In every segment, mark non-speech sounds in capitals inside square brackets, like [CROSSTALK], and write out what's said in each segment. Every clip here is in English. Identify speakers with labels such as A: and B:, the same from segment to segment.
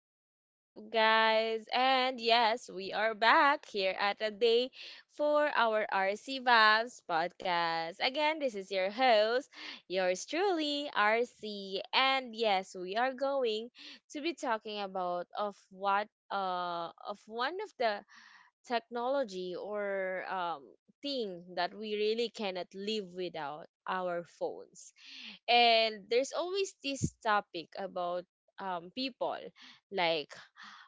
A: what's up, guys? And yes, we are back here at a day for our RC Vibes podcast. Again, this is your host, yours truly, RC. And yes, we are going to be talking about of what of one of the technology or thing that we really cannot live without our phones. And there's always this topic about people, like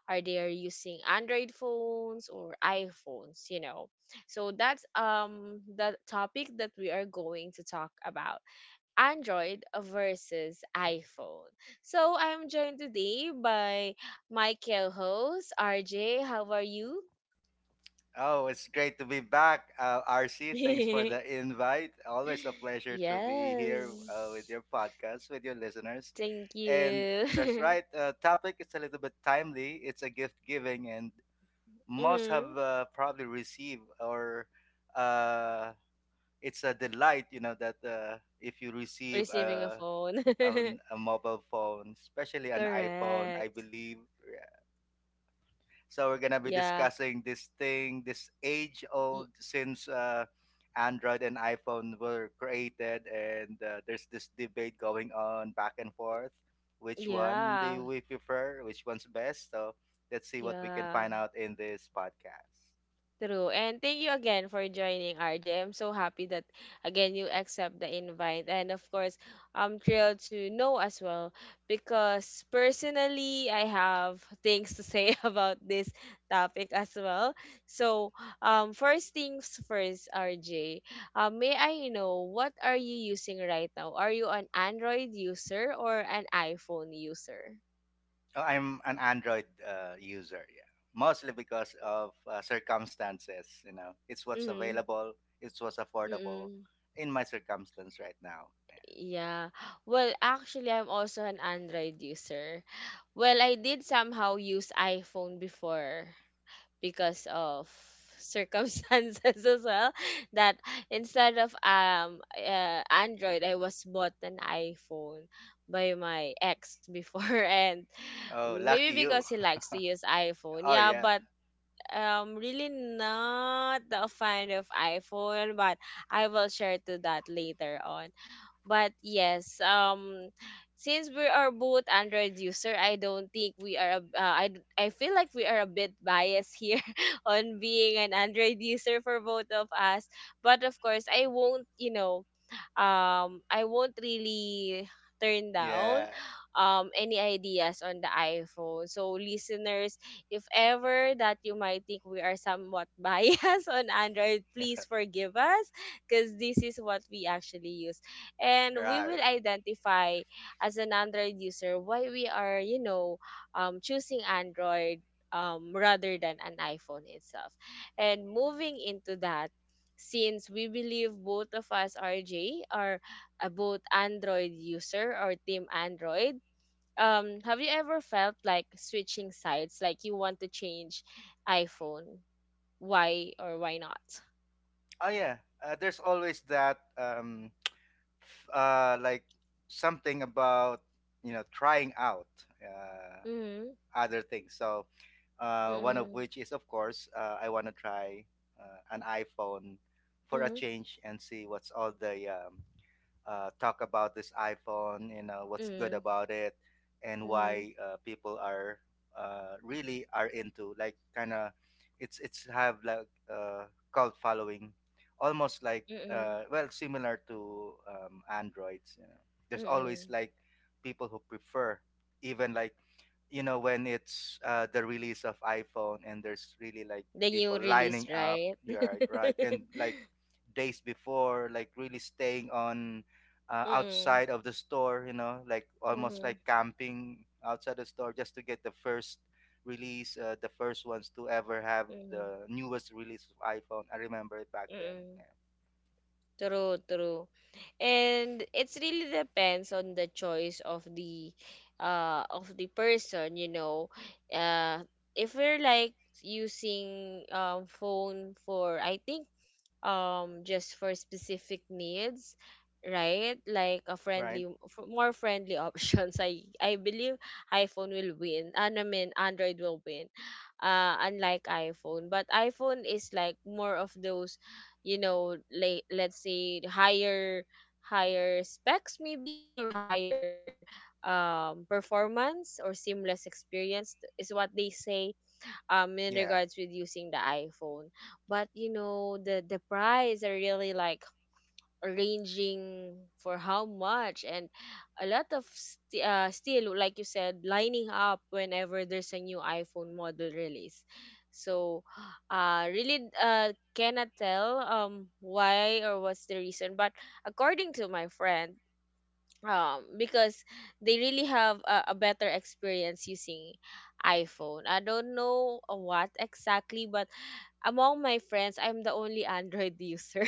A: are they using android phones or iphones, you know so that's the topic that we are going to talk about: android versus iphone. So I'm joined today by my co-host RJ. How are you?
B: Oh, it's great to be back, RC. Thanks for the
A: [LAUGHS]
B: invite. Always a pleasure to be here with
A: Yes,
B: your podcast, with your listeners.
A: thank
B: And that's
A: you.
B: right, topic is a little bit timely. It's a gift giving, and
A: [LAUGHS]
B: most have
A: Mm.
B: probably received, or uh, it's a delight that if you receive
A: Receiving a phone. [LAUGHS]
B: a, a mobile phone, especially an iPhone, I
A: Correct.
B: believe. So we're gonna be
A: Yeah.
B: discussing this thing, this
A: Mm.
B: age-old since Android and iPhone were created, and there's this debate going on back and forth. Which one
A: Yeah.
B: do we prefer? Which one's best? So let's see what we can
A: Yeah.
B: find out in this podcast.
A: True. And thank you again for joining, RJ. I'm so happy that again you accept the invite. And of course, I'm thrilled to know as well because personally I have [LAUGHS] things to say [LAUGHS] about this topic as well. So, first things first, RJ. May I know what are you using right now? Are you an Android user or an iPhone user?
B: Oh, I'm an Android user, yeah, mostly because of circumstances. It's what's
A: Mhm.
B: available, it's what's affordable
A: Mm.
B: in my circumstance right now. Yeah.
A: Yeah. Well, actually, I'm also an Android user. Well, I did somehow use iPhone before because of circumstances [LAUGHS] as well. That instead of Android, I was bought an iPhone by my ex before, [LAUGHS] and
B: Oh,
A: maybe
B: lucky
A: because
B: you!
A: he likes to use iPhone.
B: Oh
A: Yeah,
B: yeah.
A: but really not a fan of iPhone, but I will share to that later on. But yes, since we are both Android user, I don't think we are. I feel like we are a bit biased here [LAUGHS] on being an Android user for both of us. But of course, I won't. You know, I won't really turn down
B: Yeah.
A: any ideas on the iPhone. So listeners, if ever that you might think we are somewhat [LAUGHS] biased on Android, please
B: [LAUGHS]
A: forgive us because this is what we actually use. And we will
B: Right.
A: identify as an Android user why we are, you know, choosing Android rather than an iPhone itself. And moving into that, since we believe both of us, RJ, are a both Android user or Team Android, have you ever felt like switching sides, like you want to change iPhone? Why or why not?
B: Oh yeah. There's always that like something about trying out uh
A: Mm-hmm.
B: other things. So one of
A: Mm-hmm.
B: which is of course I want to try an iPhone for a
A: Mm-hmm.
B: change and see what's all the talk about this iPhone, what's good
A: Mm-hmm.
B: about it, and
A: Mm-hmm.
B: why people are really are into, like, kind of it's have like uh, cult following, almost like
A: Mm-hmm.
B: well, similar to androids. You know, there's always
A: Mm-hmm.
B: like people who prefer, even like when it's the release of iPhone, and there's really like
A: The new
B: people lining
A: release,
B: up.
A: right?
B: You're right, right, and
A: [LAUGHS]
B: like days before, like really staying on
A: Mm-hmm.
B: outside of the store, like almost
A: Mm-hmm.
B: like camping outside the store just to get the first release, the first ones to ever have the newest release of iPhone. I remember it back then.
A: Mm-hmm. True, true. And it's really depends on the choice of the person, you know. Uh if we're like using phone for I think just for specific needs, right? Like a
B: Yeah. Right?
A: more friendly [LAUGHS] options, I believe iphone will win, and I mean android will win unlike iphone. But iphone is like more of those, you know, like let's say higher specs maybe, or higher performance or seamless experience is what they say in
B: Yeah.
A: regards with using the iPhone. But you know, the price are really like ranging for how much, and a lot of still like you said lining up whenever there's a new iPhone model release. So really cannot tell why or what's the reason, but according to my friend, because they really have a better experience using iPhone. I don't know what exactly, but among my friends, I'm the only Android [LAUGHS] user.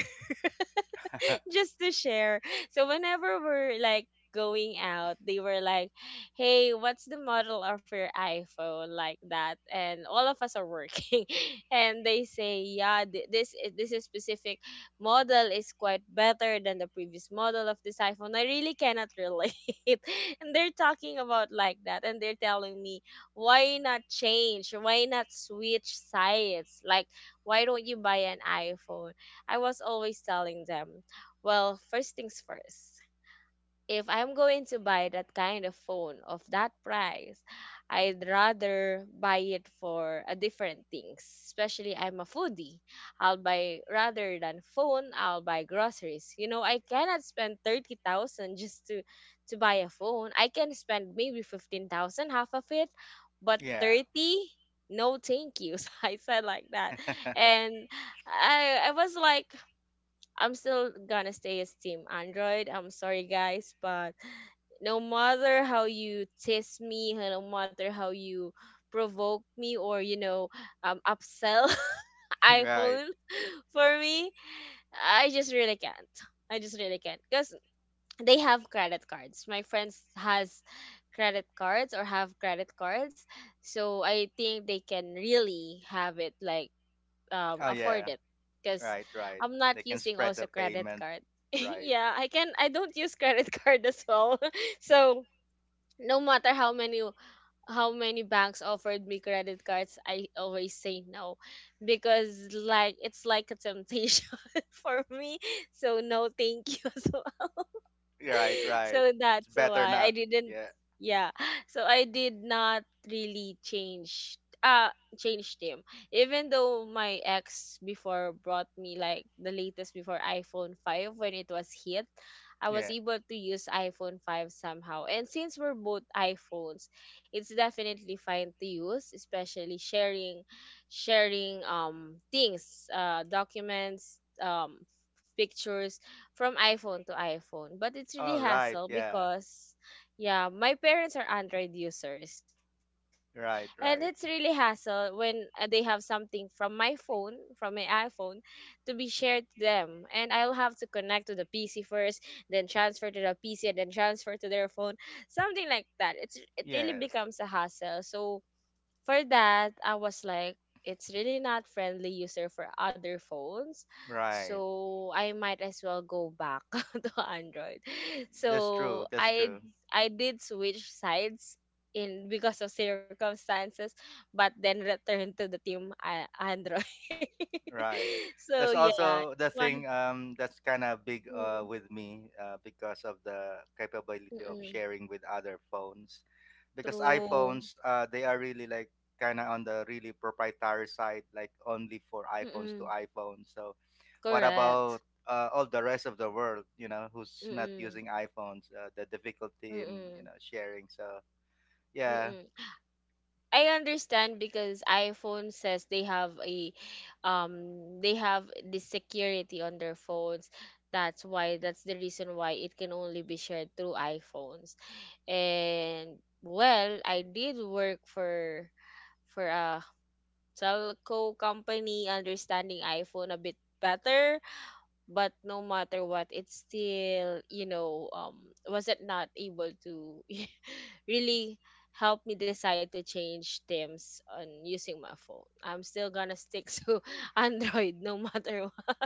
A: [LAUGHS] Just to share. So whenever we're like going out, they were like, "Hey, what's the model of your iPhone?" like that, and all of us are working, [LAUGHS] and they say, "Yeah, this is specific model is quite better than the previous model of this iPhone." I really cannot relate, [LAUGHS] and they're talking about like that, and they're telling me, "Why not change? Why not switch sides? Like, why don't you buy an iPhone?" I was always telling them, well, first things first. If I'm going to buy that kind of phone of that price, I'd rather buy it for a different things. Especially I'm a foodie. I'll buy, rather than phone, I'll buy groceries. You know, I cannot spend 30,000 just to buy a phone. I can spend maybe 15,000, half of it, but
B: [LAUGHS] Yeah.
A: 30, no thank you. [LAUGHS] So I said like that. And I was like, I'm still gonna stay as Team Android. I'm sorry, guys, but no matter how you tease me, no matter how you provoke me, or you know, upsell [LAUGHS]
B: [LAUGHS] Right.
A: iPhone for me, I just really can't. I just really can't because they have credit cards. My friends has credit cards, or have credit cards, so I think they can really have it like
B: Oh,
A: afford
B: yeah.
A: it because
B: Right, right.
A: I'm not
B: They can
A: using
B: spread
A: also
B: the
A: credit
B: payment.
A: card. [LAUGHS]
B: Right.
A: Yeah, I don't use credit [LAUGHS] card as well. [LAUGHS] So no matter how many banks offered me credit cards, I always say no because like it's like a temptation [LAUGHS] for me. So no, thank you. [LAUGHS] So
B: Right,
A: [LAUGHS]
B: right.
A: so
B: It's
A: that's
B: better
A: why I
B: not.
A: didn't,
B: Yeah.
A: yeah. So I did not really change uh changed him. Even though my ex before brought me like the latest before iPhone 5 when it was hit, I was
B: Yeah.
A: able to use iPhone 5 somehow. And since we're both iPhones, it's definitely fine to use, especially sharing things, documents, pictures from iPhone to iPhone. But it's
B: Oh,
A: really
B: right.
A: hassle
B: Yeah.
A: because, yeah, my parents are Android users. And it's really
B: Right, right.
A: hassle when they have something from my phone, from my iPhone, to be shared to them. And I'll have to connect to the PC first, then transfer to the PC, and then transfer to their phone. Something like that. It really
B: Yeah.
A: becomes a hassle. So, for that, I was like, it's really not friendly user for other phones.
B: Right.
A: So I might as well go back [LAUGHS] to Android.
B: That's true.
A: So
B: That's true.
A: I did switch sides in because of circumstances, but then returned to the team Android.
B: Right.
A: [LAUGHS] So
B: That's
A: yeah.
B: also the thing,
A: One,
B: that's kind of big with me because of the capability of
A: mm-mm,
B: sharing with other phones. Because
A: true.
B: iPhones, they are really, like, kind of on the really proprietary side, like only for iPhones to
A: Mm-mm,
B: iPhones. So what
A: correct.
B: about all the rest of the world? Who's not
A: Mm-mm,
B: using iPhones? The difficulty in
A: mm-mm,
B: sharing. So yeah,
A: mm-mm. I understand because iPhone says they have a they have the security on their phones. That's why that's the reason why it can only be shared through iPhones. And well, I did work for a telco company understanding iPhone a bit better, but no matter what, it's still, you know, was it not able to [LAUGHS] really helped me decide to change themes on using my phone. I'm still gonna stick [LAUGHS] to Android no matter what.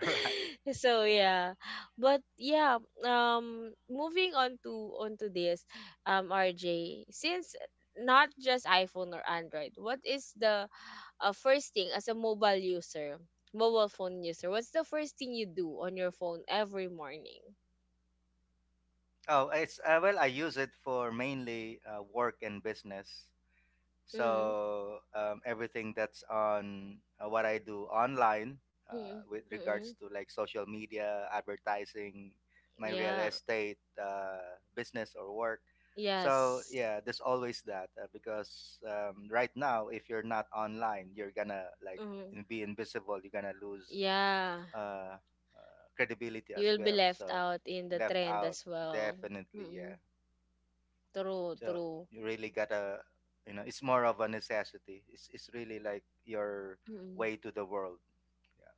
B: [LAUGHS] right.
A: [LAUGHS] So yeah. But yeah, moving on to onto this, RJ, since not just iPhone or Android, what is the first thing as a mobile user, mobile phone user, what's the first thing you do on your phone every morning?
B: Oh, it's well, I use it for mainly work and business.
A: Mm-hmm.
B: So everything that's on what I do online,
A: Mm-hmm.
B: with
A: Mm-hmm.
B: regards to like social media, advertising, my real
A: Yeah.
B: estate business or work. So
A: Yes.
B: yeah, there's always that because right now, if you're not online, you're gonna like
A: Mm.
B: be invisible. You're gonna lose
A: Yeah.
B: credibility
A: You
B: as
A: will be
B: well.
A: left
B: So
A: out in the
B: left
A: trend
B: out,
A: as well.
B: definitely,
A: Mm-mm.
B: yeah.
A: True,
B: So
A: true.
B: you really gotta, it's more of a necessity. It's really like your
A: Mm-mm.
B: way to the world, yeah.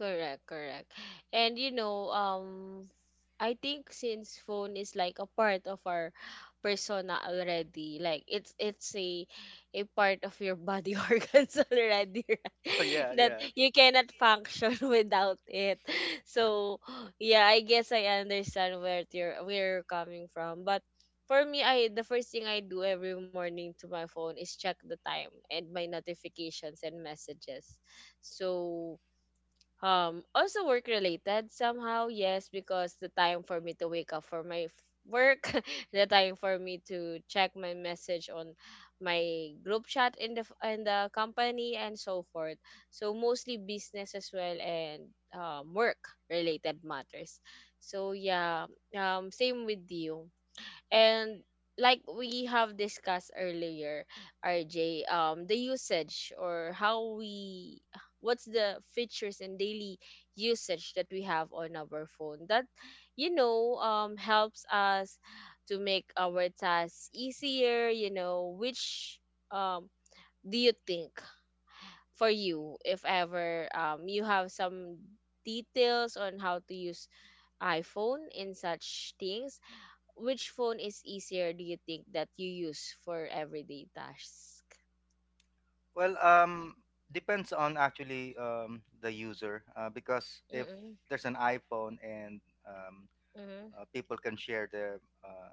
A: Correct, correct. And you know, I think since phone is like a part of our persona already, like it's a part of your body [LAUGHS] organs already, right?
B: [LAUGHS] Oh yeah,
A: That
B: yeah.
A: you cannot function [LAUGHS] without it. So yeah, I guess I understand where you're coming from. But for me, I the first thing I do every morning to my phone is check the time and my notifications and messages. So also work related somehow, yes, because the time for me to wake up for work, [LAUGHS] the time for me to check my message on my group chat in the company and so forth. So mostly business as well and work related matters. So yeah, same with you and like we have discussed earlier, RJ, the usage, or how we, what's the features and daily usage that we have on our phone that, you know, helps us to make our tasks easier, you know, which um do you think for you, if ever you have some details on how to use iphone in such things, which phone is easier do you think that you use for everyday tasks?
B: Well, depends on actually the user, because if
A: Mm-mm,
B: there's an iPhone and um
A: mm-mm,
B: people can share their uh,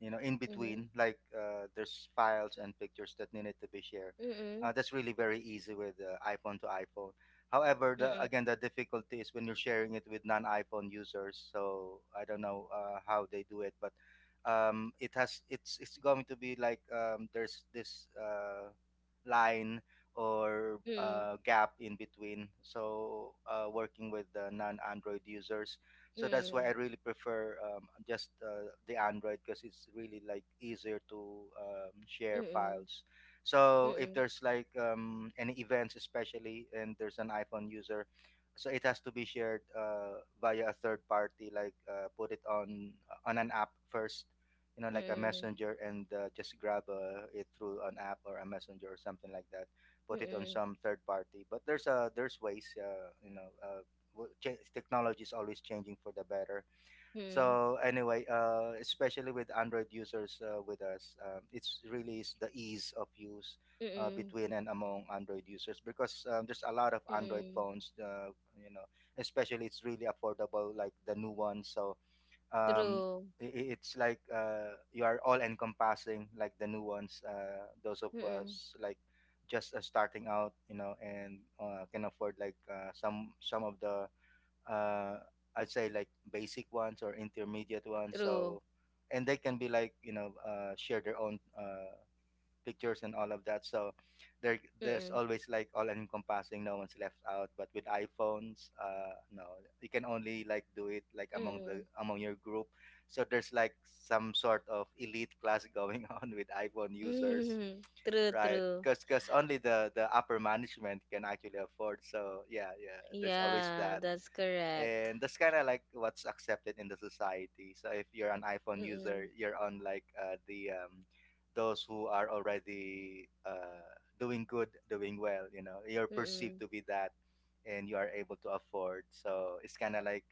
B: you know in
A: mm-mm,
B: between, like there's files and pictures that needed to be shared,
A: mm-mm,
B: that's really very easy with iPhone to iPhone. However, again, the difficulty is when you're sharing it with non-iPhone users. So I don't know how they do it, but it has it's going to be like, there's this line or
A: mm-mm, mm-mm,
B: gap in between. So working with the non-Android users, so
A: mm-mm,
B: that's why I
A: mm-mm,
B: really prefer, just the Android, because it's really like easier to, share
A: mm-mm, mm-mm,
B: files. So if there's like, any events, especially, and there's an iPhone user, so it has to be shared via a third party, like put it on on an app first, like a
A: mm-mm,
B: messenger, and just grab it through an app or a messenger or something like that. Put it on
A: mm-mm,
B: some third party, but there's ways. Technology is always changing for the better. So anyway, especially with Android users, with us, it's really is the ease of use
A: mm-mm,
B: between and among Android users, because there's a lot of Android
A: mm-mm.
B: phones. You know, Especially it's really affordable, like the new one. So, um,
A: True.
B: it's like you are all encompassing, like the new ones. Those of
A: Mm-mm,
B: us like just starting out, and can afford like some of the uh, I'd say like basic ones or intermediate ones.
A: true.
B: So, and they can be like, share their own pictures and all of that. So, there's
A: Mm-mm,
B: always, like, all encompassing. No one's left out. But with iPhones, no, you can only like do it like among the
A: mm-mm.
B: among your group. So there's like some sort of elite class going [LAUGHS] on with iPhone users.
A: [LAUGHS] True,
B: Right,
A: true.
B: because only the upper management can actually afford. So yeah, yeah. There's always
A: Yeah,
B: that,
A: that's correct.
B: and that's kind of like what's accepted in the society. So if you're an iPhone user,
A: Mm-mm,
B: you're on like, the those who are already, doing good, doing well, you're perceived
A: mm-mm,
B: to be that, and you are able to afford, so it's kind of like,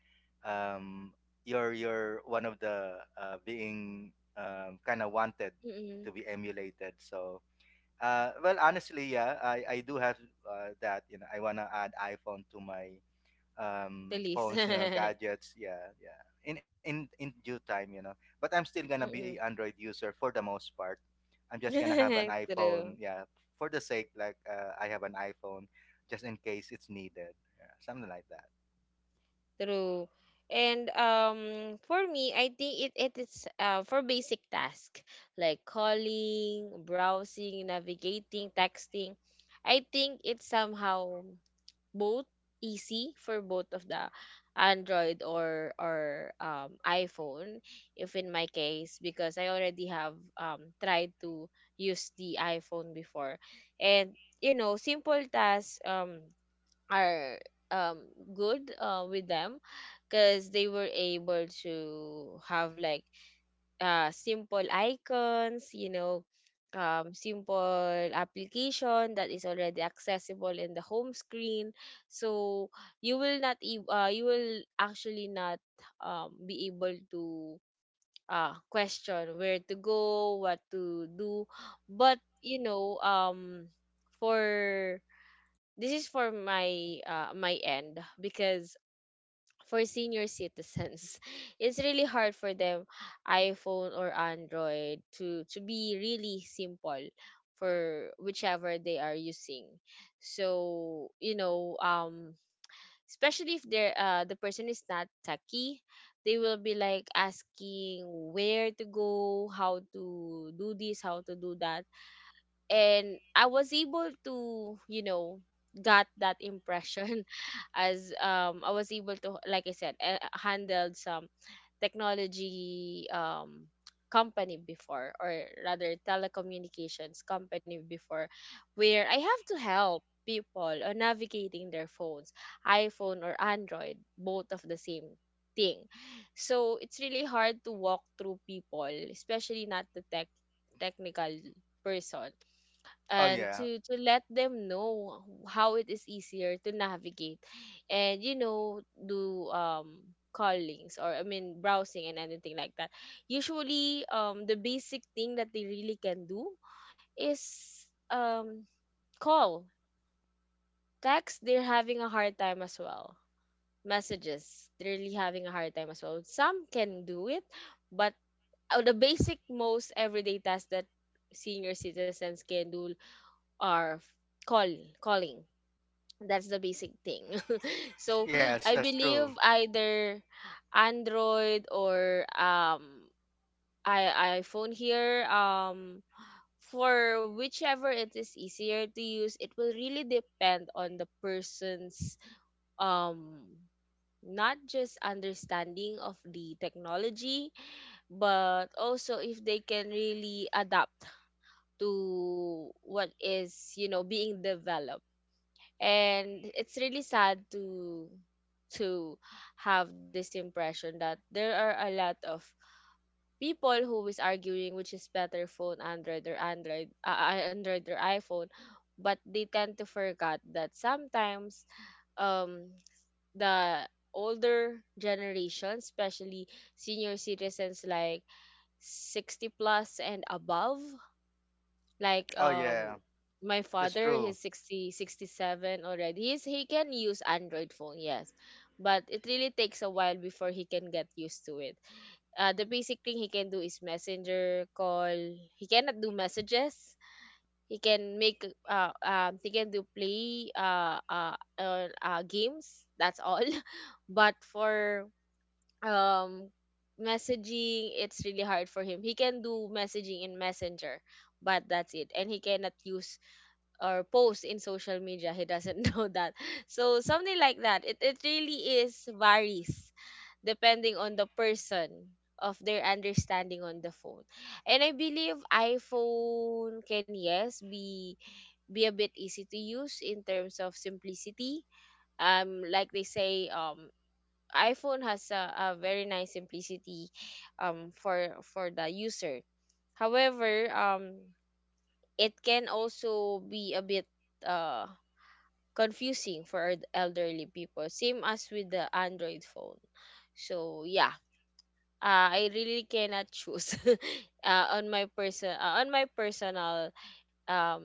B: um, you're one of the, being, kind of wanted to
A: mm-mm.
B: be emulated. So well, honestly, yeah, I do have, that, I want to add iPhone to my
A: The least.
B: phones, you know,
A: [LAUGHS]
B: gadgets, yeah, yeah, in due time, but I'm still gonna be a
A: Mm-mm.
B: Android user for the most part. I'm just gonna have
A: [LAUGHS]
B: an iPhone,
A: True.
B: yeah, for the sake like, I have an iPhone just in case it's needed, yeah, something like that.
A: True. And for me, I think it is for basic tasks like calling, browsing, navigating, texting. I think it's somehow both easy for both of the Android, or iPhone, if in my case because I already have tried to use the iPhone before. And you know, simple tasks are um good with them because they were able to have like simple icons, you know, simple application that is already accessible in the home screen. So you will not e- you will actually not be able to question where to go, what to do. But you know, for this is for my my end, because for senior citizens [LAUGHS] it's really hard for them, iphone or android, to be really simple for whichever they are using. So you know, especially if the person is not techie, they will be like asking where to go, how to do this, how to do that. And I was able to, you know, got that impression [LAUGHS] as I was able to, like I said, handled some technology company before, or rather telecommunications company before, where I have to help people on navigating their phones, iPhone or Android, both of the same thing. So it's really hard to walk through people, especially not the tech technical person,
B: Oh
A: and
B: yeah.
A: to let them know how it is easier to navigate and you know do callings, or I mean browsing and anything like that. Usually the basic thing that they really can do is um call. Text, they're having a hard time as well. Messages, they're really having a hard time as well. Some can do it, but the basic most everyday tasks that senior citizens can do are call calling. That's the basic thing. [LAUGHS] So
B: Yes,
A: I
B: that's
A: believe
B: true.
A: either Android or I iPhone here, for whichever it is easier to use, it will really depend on the person's um not just understanding of the technology, but also if they can really adapt to what is, you know, being developed. And it's really sad to to have this impression that there are a lot of people who is arguing which is better phone, android or iphone. But they tend to forget that sometimes um the older generation, especially senior citizens like 60 plus and above, like
B: Oh yeah.
A: my
B: That's
A: father,
B: true.
A: he's 67 already. He can use android phone, yes, but it really takes a while before he can get used to it. Uh, the basic thing he can do is messenger call. He cannot do messages. He can make he can do play games, that's all. [LAUGHS] But for um messaging, it's really hard for him. He can do messaging in messenger, but that's it. And he cannot use or post in social media, he doesn't [LAUGHS] know that. So something like that, it really is varies depending on the person, of their understanding on the phone. And I believe iphone can, yes, be a bit easy to use in terms of simplicity. Like they say, iPhone has a very nice simplicity for the user. However, it can also be a bit uh confusing for elderly people, same as with the Android phone. So yeah, I really cannot choose [LAUGHS] on my personal um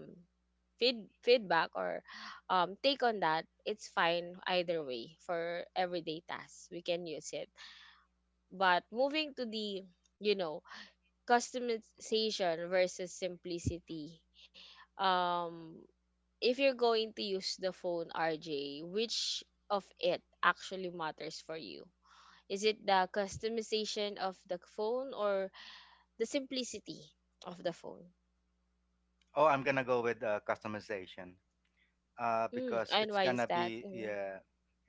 A: feedback or take on that. It's fine either way for everyday tasks, we can use it. But moving to the, you know, customization versus simplicity. Um, if you're going to use the phone, RJ, which of it actually matters for you? Is it the customization of the phone or the simplicity of the phone?
B: Oh, I'm gonna go with customization,
A: Mm,
B: because
A: and
B: it's
A: why is
B: gonna
A: that?
B: be,
A: Mm,
B: yeah,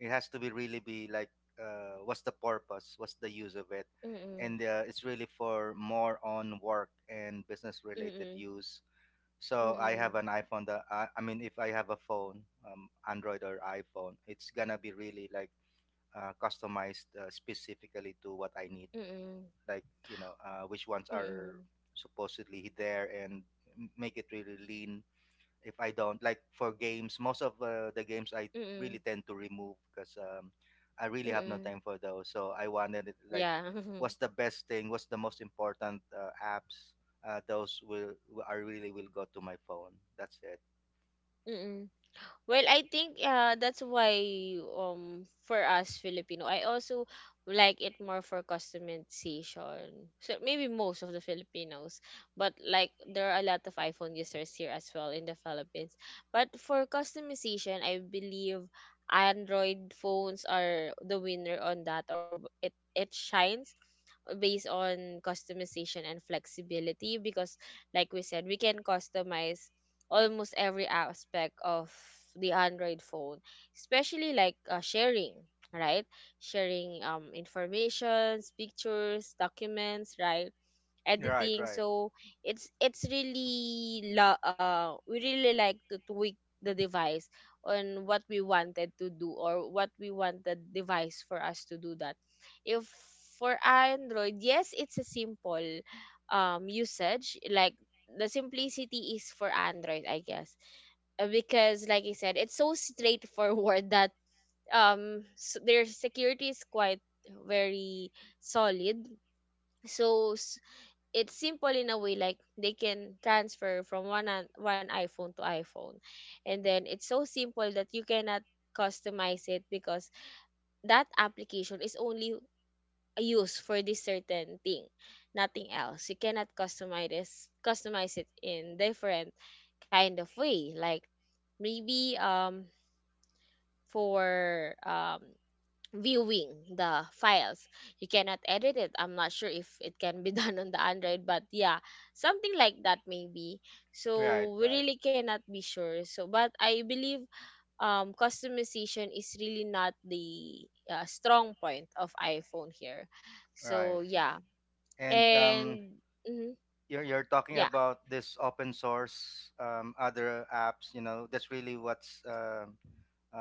B: it has to be really be like, what's the purpose, what's the use of it?
A: mm-mm,
B: And it's really for more on work and business related
A: mm-mm,
B: use. So I
A: mm-mm,
B: have an iPhone that, I mean, if I have a phone, Android or iPhone, it's gonna be really like, customized specifically to what I need,
A: mm-mm,
B: like, which ones are
A: mm-mm,
B: supposedly there, and make it really lean. If I don't like for games, most of the games I
A: mm-mm,
B: really tend to remove because I really have no
A: mm-mm.
B: time for those. So I wanted it, like
A: Yeah.
B: what's the best thing, what's the most important, apps. Those will I really will go to my phone. That's it.
A: [LAUGHS] Mm-mm. Well, I think that's why for us Filipino, I also like it more for customization. So maybe most of the Filipinos, but like there are a lot of iPhone users here as well in the Philippines. But for customization, I believe Android phones are the winner on that, or it shines based on customization and flexibility, because like we said, we can customize almost every aspect of the Android phone, especially like sharing, right? Sharing informations, pictures, documents, right?
B: Right,
A: Editing.
B: right,
A: So it's we really like to tweak the device on what we wanted to do, or what we want the device for us to do. That if for android, yes, it's a simple usage, like the simplicity is for android, I guess. Because like I said, it's so straightforward [LAUGHS] that s their security is quite very solid. So it's simple in a way, like they can transfer from one iPhone to iPhone, and then it's so simple that you cannot customize it, because that application is only used for this certain thing, nothing else. You cannot customize it in different kind of way, like maybe for viewing the files. You cannot edit it. I'm not sure if it can be [LAUGHS] done on the Android, but yeah, something like that maybe.
B: right,
A: So we
B: right,
A: really cannot be sure. So, but I believe customization is really not the strong point of iPhone here.
B: right.
A: So yeah,
B: And,
A: and mhm,
B: you're talking
A: yeah,
B: about this open source, other apps. That's really what's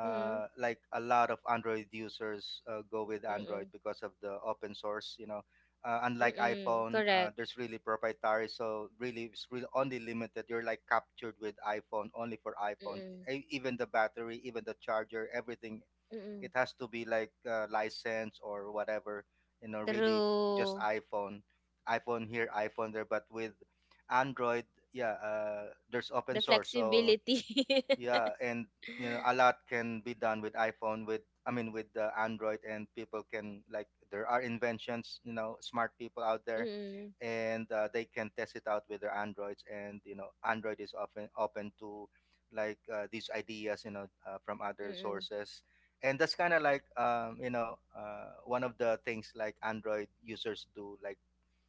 A: mm,
B: like a lot of Android users go with Android
A: mm,
B: because of the open source. Unlike
A: mm,
B: iPhone,
A: correct,
B: there's really proprietary, so really it's really only limited. You're like captured with iPhone only for iPhones.
A: mm,
B: Even the battery, even the charger, everything,
A: mm,
B: it has to be like, license or whatever. Really, just
A: true.
B: iPhone, iPhone here, iPhone there. But with Android, yeah, there's open
A: The
B: source, so
A: flexibility.
B: yeah,
A: [LAUGHS]
B: and a lot can be done with iPhone, with, I mean, with the Android. And people can, like, there are inventions, smart people out there,
A: mm
B: and they can test it out with their Androids, and Android is often open to, like, these ideas, from other
A: mm,
B: sources, and that's kind of like, one of the things, like Android users do, like,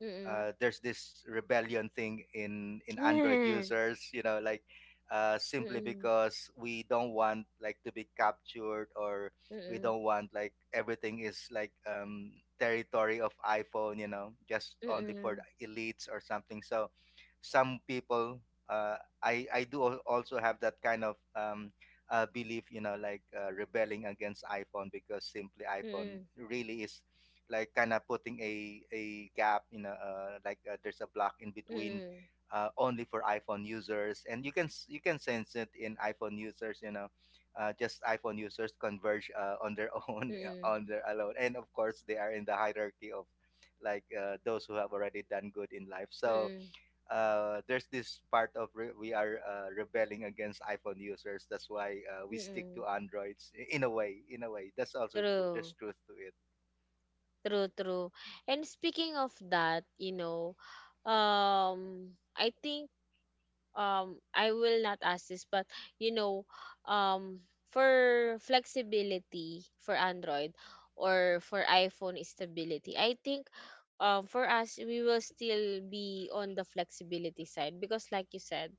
A: mm.
B: there's this rebellion thing in Android
A: Mm.
B: users, like, simply
A: Mm.
B: because we don't want like to be captured, or we
A: Mm.
B: don't want, like, everything is like, territory of iPhone, just only for
A: Mm.
B: the elites or something. So some people, uh, I do also have that kind of, belief, like, rebelling against iPhone, because simply iPhone really is like kind of putting a gap, you know, like there's a block in between,
A: Mm.
B: only for iPhone users, and you can sense it in iPhone users. Just iPhone users converge on their [LAUGHS] own,
A: Mm.
B: on their alone, and of course they are in the hierarchy of, like, those who have already done good in life. So
A: Mm.
B: there's this part of we are rebelling against iPhone users. That's why we stick
A: Mm.
B: to
A: [LAUGHS]
B: Androids, in a way, in a way. That's also true. There's
A: True.
B: truth to it.
A: True, true. And speaking of that, you know, I think I will not ask this, but you know, um for flexibility for Android or for iPhone is stability, I think for us, we will still be on the flexibility side, because like you said,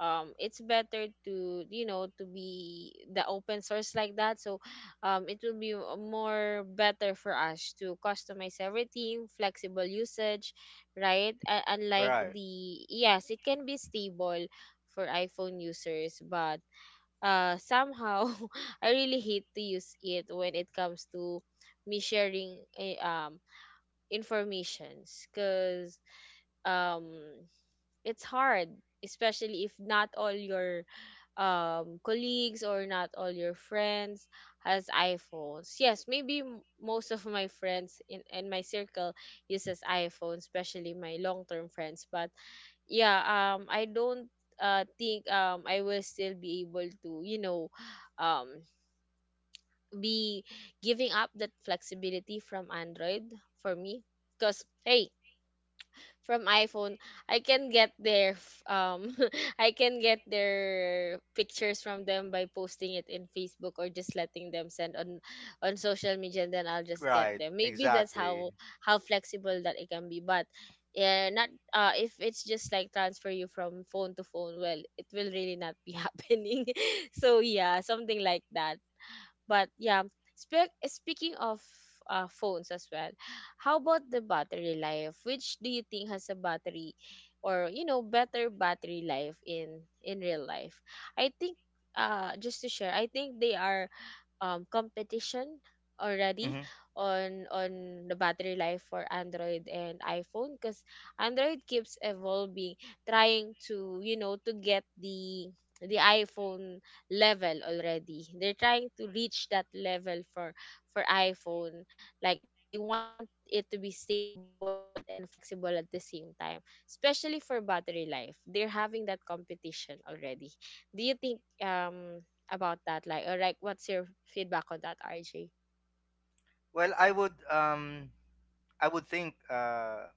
A: it's better to, you know, to be the open source like that. So it will be more better for us to customize everything, flexible usage, right? Unlike
B: Right.
A: the, yes, it can be stable for iPhone users, but somehow [LAUGHS] I really hate to use it when it comes to me sharing, eh, informations, because um it's hard, especially if not all your colleagues or not all your friends has iPhones. Yes, maybe most of my friends in my circle uses iPhone, especially my long-term friends. But yeah, I don't think I will still be able to, you know, [SIGHS] um be giving up that flexibility from android, for me, because hey, from iPhone, I can get their [LAUGHS] I can get their pictures from them by posting it in Facebook, or just letting them send on social media, and then I'll just get
B: Right,
A: them. Maybe that's
B: exactly.
A: how flexible that it can be. But yeah, not if it's just like transfer you from phone to phone, well, it will really not be [LAUGHS] happening. So yeah, something like that. But yeah, speaking of phones as well, how about the battery life? Which do you think has a battery, or you know, better battery life in real life? I think just to share, I think they are competition already
B: hmm
A: on the battery life for Android and iPhone, because Android keeps evolving, trying to, you know, to get the iPhone level already. They're trying to reach that level for iPhone. Like they want it to be stable and flexible at the same time, especially for battery life. They're having that competition already. Do you think about that? Like, or like, what's your feedback on that, RJ?
B: Well, I would think uh,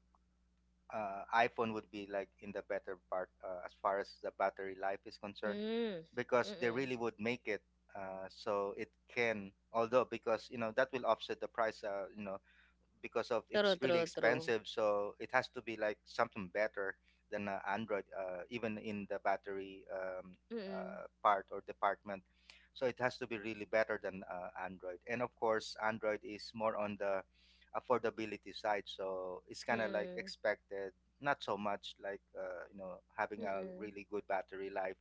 B: uh iPhone would be like in the better part as far as the battery life is concerned,
A: Mm.
B: because they
A: Mm-mm.
B: really would make it so it can, although, because that will offset the price, because of
A: True,
B: it's really
A: true, true.
B: expensive, so it has to be like something better than Android even in the battery
A: Mm-mm.
B: part or department. So it has to be really better than Android, and of course Android is more on the affordability side, so it's kind of like
A: Mm-mm.
B: expected, not so much like having a
A: Mm-mm.
B: really good battery life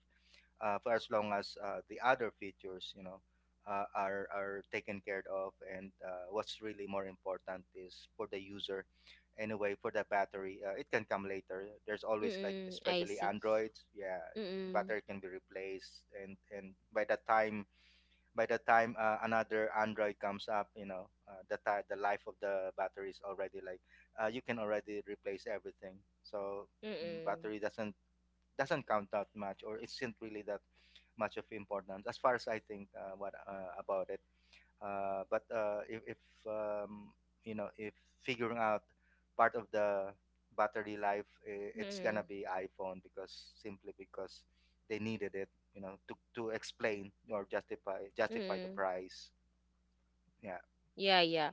B: for as long as the other features, you know, are taken care of. And what's really more important is for the user. Anyway, for the battery, it can come later. There's always like,
A: Mm-mm. I
B: especially
A: see.
B: Androids, yeah,
A: Mm-mm.
B: battery can be replaced, and by the time, another Android comes up, you know, the ti the life of the battery is already like you can already replace everything. So
A: Mm-mm.
B: battery doesn't count that much, or it isn't really that much of importance as far as I think what about it. But if um, you know if figuring out part of the battery life, it's gonna
A: Mm-mm.
B: be iPhone, because simply because they needed it, to explain or justify the
A: Mm-mm.
B: price. Yeah.
A: Yeah, yeah.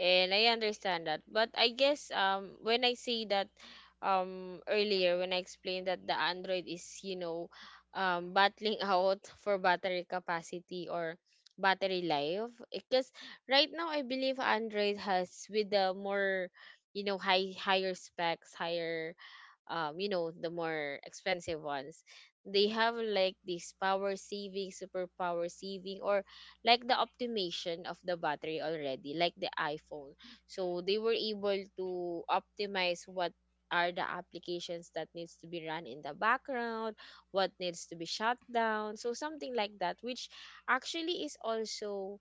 A: And I understand that. But I guess when I say that earlier, when I explained that the Android is, you know, battling [LAUGHS] out for battery capacity or battery life, because right now I believe Android has with the more, you know, higher specs, higher, you know, the more expensive ones. They have like this power saving, super power saving, or like the optimization of the battery already, like the iPhone. So they were able to optimize what are the applications that needs to be run in the background, what needs to be shut down. So something like that, which actually is also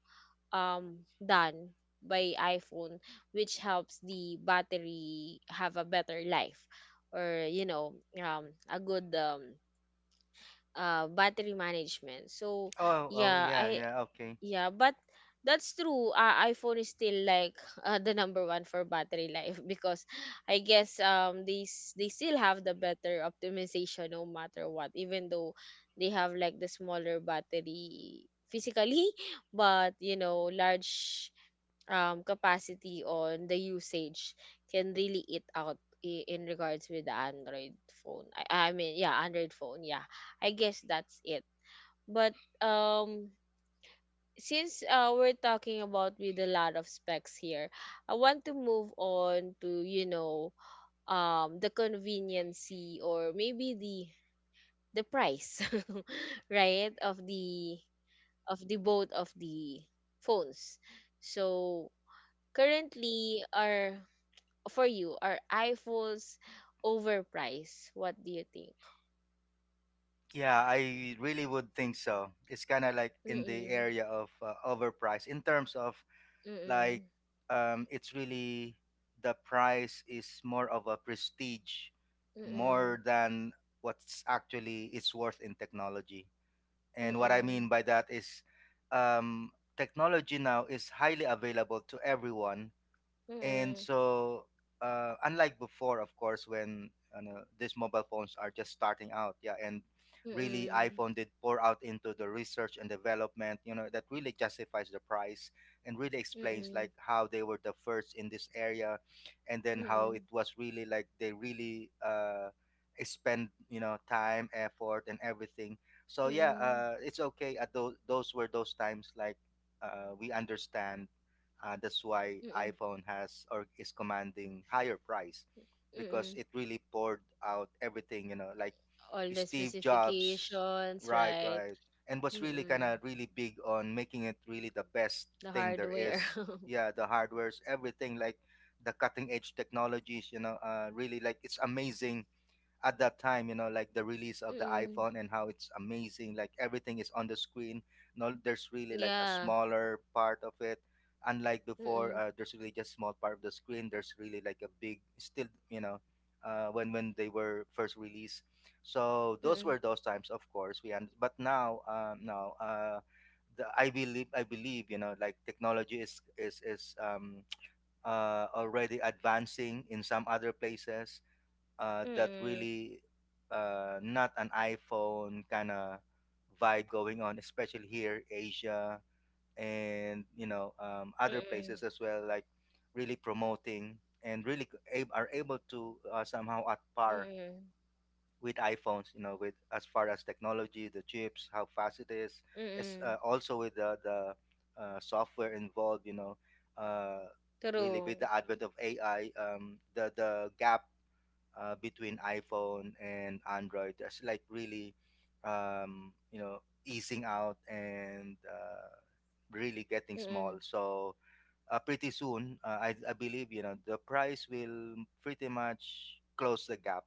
A: done by iPhone, which helps the battery have a better life, or you know, a good battery management. So
B: Oh. Oh.
A: yeah,
B: Yeah.
A: I
B: Yeah. Okay.
A: yeah, but that's true. iPhone is still like [LAUGHS] the number one for battery life [LAUGHS] because I guess they still have the better optimization no matter what, even though they have like the smaller battery physically, [LAUGHS] but you know, large capacity on the usage can really eat out in regards with the Android phone. I mean, yeah, Android phone. Yeah, I guess that's it. But um, since we're talking about with a lot of specs here, I want to move on to, you know, the conveniency, or maybe the price, [LAUGHS] right? Of the both of the phones. So currently, our for you, are iPhones overpriced? What do you think?
B: Yeah, I really would think so. It's kind of like in the
A: Mm-mm.
B: area of overpriced, in terms of
A: Mm-mm.
B: like it's really the prize is more of a prestige
A: Mm-mm.
B: more than what's actually it's worth in technology. And what I
A: Mm-mm.
B: mean by that is, um, technology now is highly available to everyone, and
A: Mm-mm.
B: so unlike before, of course, when you know, these mobile phones are just starting out, yeah, and really
A: Mm-mm.
B: iPhone did pour out into the research and development, you know, that really justifies the price, and really explains
A: Mm-mm.
B: like how they were the first in this area, and then how it
A: Mm-mm.
B: was really like they really spend, you know, time, effort, and everything. So yeah,
A: Mm-mm.
B: it's okay at those were those times, like we understand that's why
A: Mm-mm.
B: iPhone has or is commanding higher price, because
A: Mm-mm.
B: it really poured out everything, you know, like
A: All the
B: Steve Jobs,
A: specifications,
B: right,
A: right?
B: right. And was really kind
A: Mm-mm.
B: of really big on making it really the best
A: The
B: thing there
A: hardware.
B: is.
A: [LAUGHS]
B: Yeah, the hardware's everything, like the cutting edge technologies, you know, really like it's amazing at that time, you know, like the release of the
A: Mm-mm.
B: iPhone and how it's amazing, like everything is on the screen. No, there's really like a
A: Yeah.
B: smaller part of it, unlike before,
A: Mm-mm.
B: there's really just small part of the screen, there's really like a big still, you know, when they were first released. So those
A: Mm-mm.
B: were those times, of course, we, and but now now the I believe you know, like technology is [TSK] already advancing in some other places that
A: Mm-mm.
B: really not an iPhone kind of vibe going on, especially here, Asia, and you know other
A: Mm-mm.
B: places as well, like really promoting and really are able to somehow at par
A: Mm-mm.
B: with iPhones. You know, with as far as technology, the chips, how fast it is, as,
A: Mm-mm.
B: also with the software involved. You know. Uh, Really with
A: True.
B: the advent of AI, the gap between iPhone and Android. That's like really, you know, easing out, and really getting small.
A: Mm-mm.
B: So pretty soon, I believe you know the price will pretty much close the gap,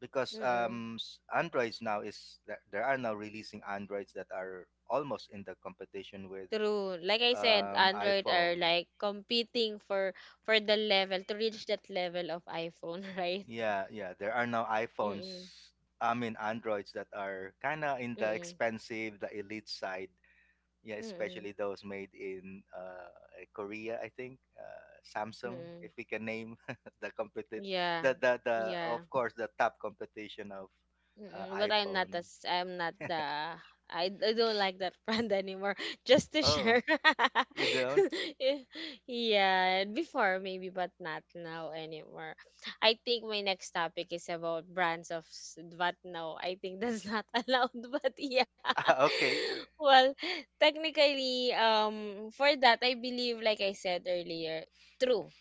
B: because
A: Mm-mm.
B: Androids now is that there are now releasing Androids that are almost in the competition with
A: True. Like I said, Android are
B: iPhone.
A: like competing for the level to reach that level of iPhone, [LAUGHS] right?
B: Yeah, yeah. There are now iPhones,
A: Mm-mm.
B: I mean Androids, that are kind of in the
A: Mm-mm.
B: expensive, the elite side. Yeah,
A: Mm-mm.
B: especially those made in Korea, I think. Samsung,
A: Mm-mm.
B: if we can name [LAUGHS] the competitive,
A: Yeah.
B: the, of
A: Yeah.
B: course the top competition of
A: Mm-mm, but I'm not
B: iPhone.
A: as I'm not the I don't like that brand anymore. [LAUGHS] Just to
B: Oh,
A: share.
B: you don't? [LAUGHS]
A: [LAUGHS] Y- yeah, before maybe but not now anymore. I think my next topic is about brands, but no, I think that's not [LAUGHS] allowed but yeah.
B: Ah, okay.
A: [LAUGHS] Well, technically for that I believe like I said earlier, true,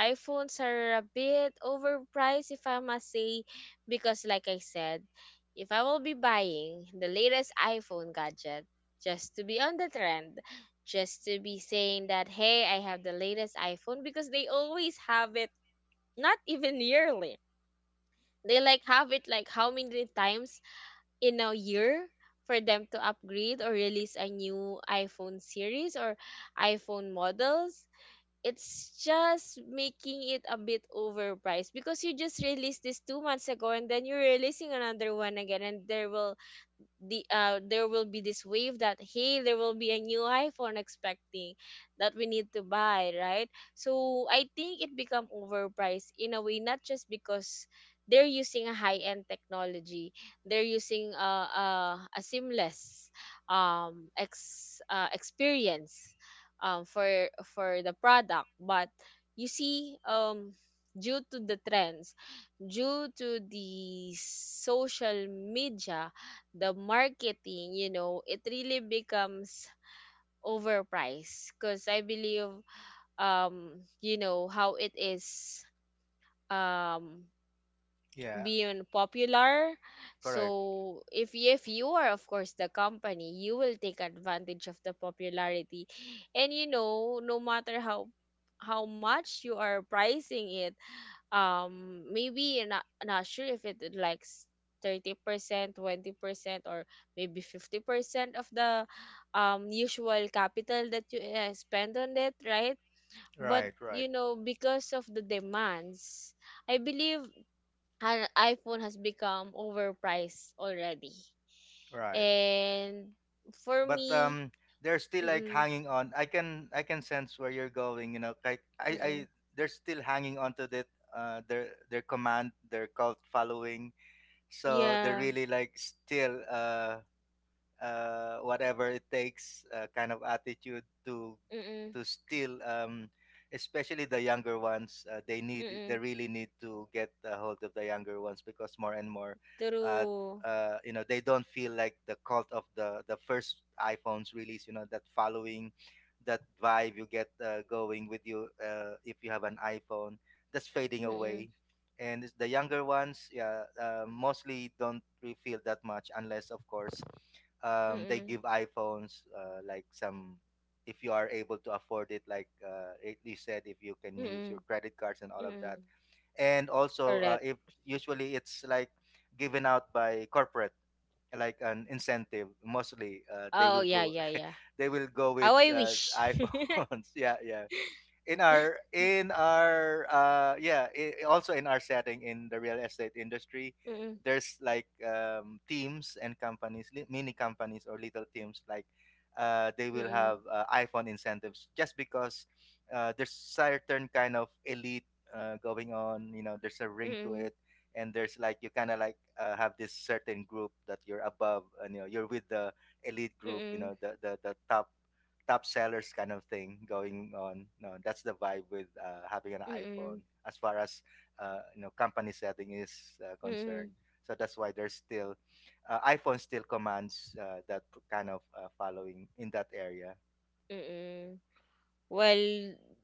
A: iPhones are a bit overpriced, if I must say, because, like I said, if I will be buying the latest iPhone gadget just to be on the trend, just to be saying that, hey, I have the latest iPhone, because they always have it, not even yearly. They like have it like how many times in a year for them to upgrade or release a new iPhone series or iPhone models. It's just making it a bit overpriced because you just released this 2 months ago and then you're releasing another one again. And there will there will be this wave that hey, there will be a new iphone expecting that we need to buy, right? So I think it become overpriced in a way, not just because they're using a high-end technology. They're using a seamless ex experience for the product. But you see, due to the trends, due to the social media, the marketing, you know, it really becomes overpriced because I believe you know how it is, um
B: Yeah,
A: being popular. So
B: correct.
A: if you are of course the company, you will take advantage of the popularity. And you know, no matter how much you are pricing it, maybe not sure if it it like 30% 20% or maybe 50% of the usual capital that you spend on it, right? But
B: Right, right,
A: you know, because of the demands, I believe an iphone has become overpriced already.
B: right.
A: And for
B: But
A: me,
B: they're still like
A: mm-mm,
B: hanging on. I can sense where you're going, you know, like I
A: mm-mm,
B: they're still hanging on to that their command, their cult following, so they're
A: yeah,
B: really like still whatever it takes kind of attitude to
A: mm-mm,
B: still especially the younger ones they
A: mm-mm,
B: really need to get a hold of the younger ones, because more and more uh,
A: true,
B: you know, they don't feel like the cult of the first iPhones release, you know, that following, that vibe you get going with you if you have an iPhone, that's fading
A: mm-mm,
B: away. The younger ones, yeah, mostly don't really feel that much, unless of course they
A: mm-mm,
B: give iPhones like some, if you are able to afford it, like you said, if you can use
A: mm-mm,
B: your credit cards and all of
A: mm-mm.
B: that. And also
A: Correct.
B: if usually it's like given out by corporate, like an incentive, mostly they
A: Oh,
B: will
A: yeah,
B: go
A: yeah,
B: [LAUGHS]
A: yeah.
B: they will go with
A: How I wish. [LAUGHS]
B: iPhones. [LAUGHS] Yeah, yeah. In our yeah, I also, in our setting, in the real estate industry,
A: Mm-mm,
B: there's like teams and companies, mini companies or little teams, like they will
A: mm-mm,
B: have iPhone incentives, just because there's certain kind of elite going on, you know, there's a ring to
A: mm-mm,
B: it. And there's like you kind of like have this certain group that you're above, and you know, you're with the elite group, you
A: mm-mm,
B: know, the the top top sellers kind of thing going on. No, that's the vibe with having an
A: mm-mm,
B: iPhone, as far as you know, company setting is
A: mm-mm,
B: concerned. So that's why there's still iPhone still commands that kind of following in that area.
A: mm-mm. Well,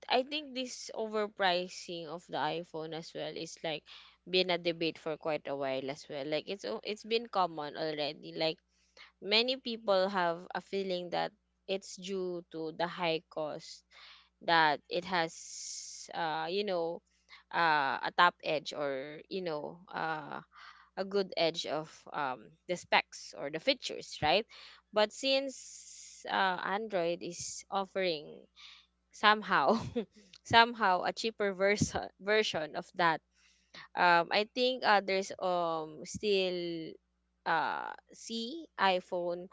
A: I think this overpricing of the iPhone as well is like been a debate for quite a while as well. Like it's been common already. Like many people have a feeling that it's due to the high cost that it has you know a top edge, or you know, a good edge of the specs or the features, right? But since Android is offering somehow [LAUGHS] somehow a cheaper version of that, I think others still see iPhone,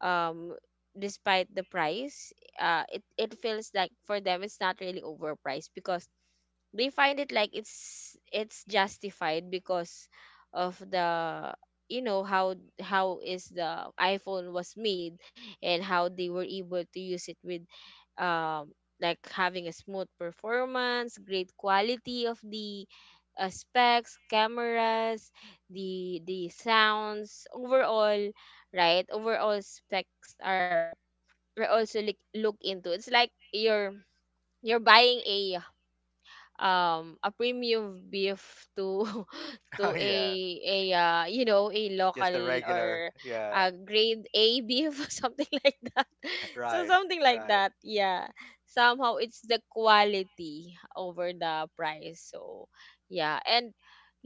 A: um despite the price, it feels like for them it's not really overpriced because they find it like it's justified because of the, you know, how is the iPhone was made, and how they were able to use it with um, like having a smooth performance, great quality of the specs, cameras, the sounds overall, right? Overall specs are also look into. It's like you're buying a premium beef to [LAUGHS]
B: [LAUGHS]
A: to
B: Oh yeah,
A: a you know a
B: just the
A: local,
B: regular.
A: or
B: Yeah,
A: a grade A beef [LAUGHS] or something like that.
B: [LAUGHS]
A: So
B: right,
A: something like
B: right.
A: that, yeah. Somehow it's the quality over the price. So yeah. And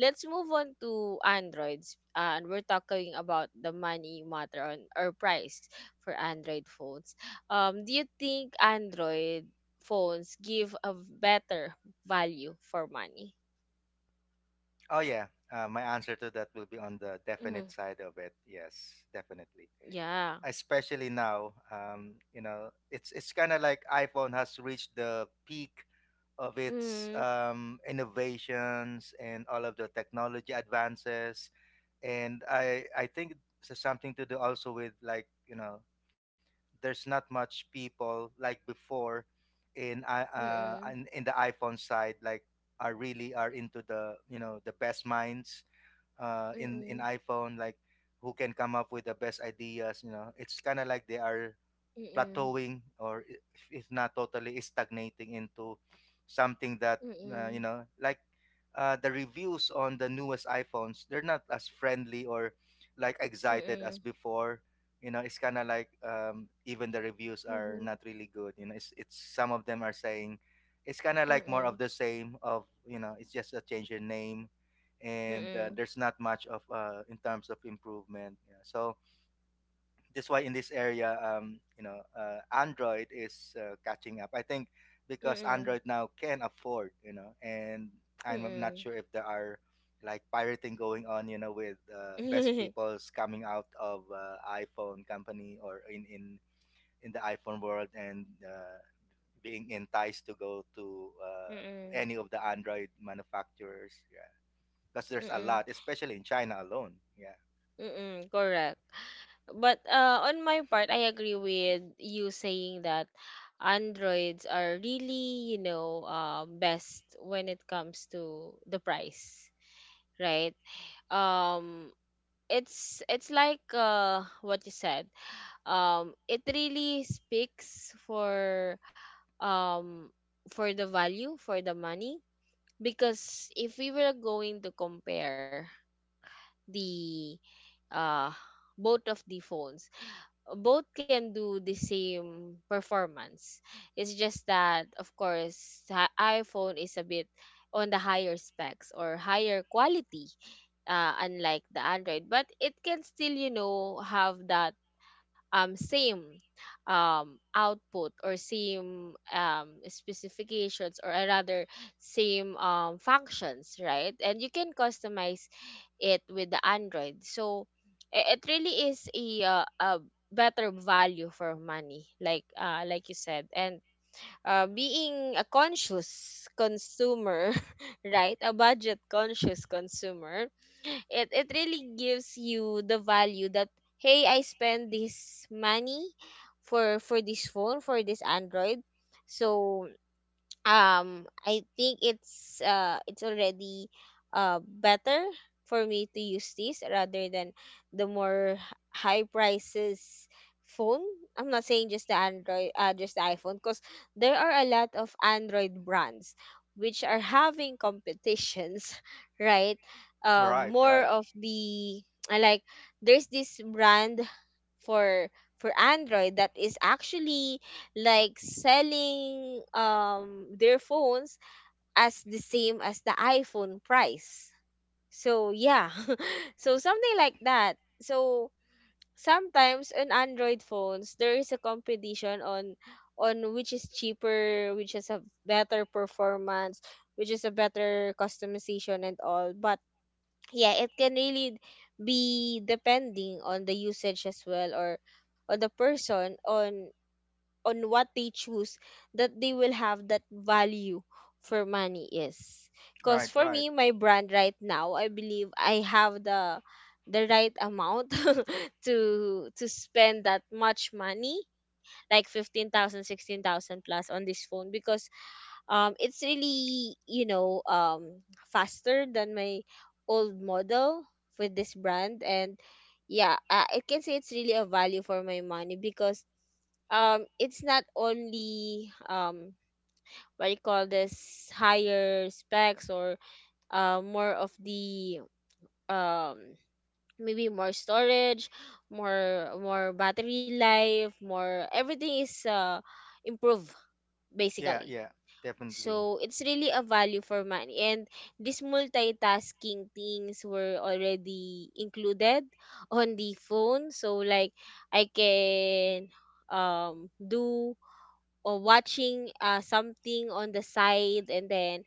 A: let's move on to androids and we're talking about the money matter on or price for android phones. Do you think android phones give a better value for money?
B: Oh yeah, my answer to that will be on the
A: Mm,
B: definite side of it. Yes, definitely.
A: yeah,
B: Especially now, you know, it's kind of like iPhone has reached the peak of its
A: mm,
B: innovations and all of the technology advances. And I think, it's something to do also with, like, you know, there's not much people like before in
A: mm-mm,
B: in the iPhone side, like are really are into the, you know, the best minds in
A: mm-mm,
B: iPhone, like who can come up with the best ideas. You know, it's kind of like they are plateauing, or if not totally stagnating into something that
A: mm-mm,
B: you know, like the reviews on the newest iPhones, they're not as friendly or like
A: mm-mm,
B: excited
A: mm-mm,
B: as before. You know, it's kind of like even the reviews are
A: Mm-hmm,
B: not really good. You know, it's some of them are saying it's kind of like more of
A: mm-mm,
B: the same of, you know, it's just a change in name, and
A: mm-mm,
B: there's not much of in terms of improvement, yeah. So that's why in this area, you know Android is catching up, I think, because
A: Mm,
B: Android now can afford, you know. And I'm not
A: mm,
B: sure if there are like pirating going on, you know, with best
A: mm.
B: peoples coming out of iPhone company, or in in the iPhone world, and being enticed to go to
A: Mm,
B: any of the Android manufacturers, yeah, because there's a
A: mm,
B: lot, especially in China alone. Yeah,
A: mm, [LAUGHS] correct. But on my part, I agree with you saying that Androids are really, you know, best when it comes to the price, right? Um, it's like what you said. It really speaks um for the value for the money because if we were going to compare the uh both of the phones, both can do the same performance. It's just that of course iphone is a bit on the higher specs or higher quality, unlike the android, but it can still you know have that same output or same specifications or rather same functions, right? And you can customize it with the Android. So it really is a better value for money, like you said. And being a conscious consumer, [LAUGHS] right? A budget conscious consumer, it really gives you the value that hey, I spend this money for this phone for this android. So I think it's already better for me to use this rather than the more high prices phone. I'm not saying just the android, just the iphone, because there are a lot of android brands which are having competitions, [LAUGHS] right?
B: right,
A: More
B: right,
A: of the, I like, there's this brand for for android that is actually like selling their phones as the same as the iPhone price. So yeah. [LAUGHS] So something like that. So sometimes on Android phones there is a competition on which is cheaper, which has a better performance, which is a better customization and all. But yeah, it can really be depending on the usage as well, or on the person on what they choose, that they will have that value for money is.
B: right,
A: Because for
B: right.
A: me, my brand right now, I believe I have the right amount [LAUGHS] to spend that much money, like 15000 16000 plus on this phone, because it's really you know faster than my old model with this brand. And yeah, I can say it's really a value for my money because it's not only what you call this, higher specs, or more of the um maybe more storage, more battery life, more everything is improved,
B: Yeah,
A: basically.
B: yeah, definitely.
A: So it's really a value for money. And these multitasking things were already included on the phone, so like I can do or watching something on the side and then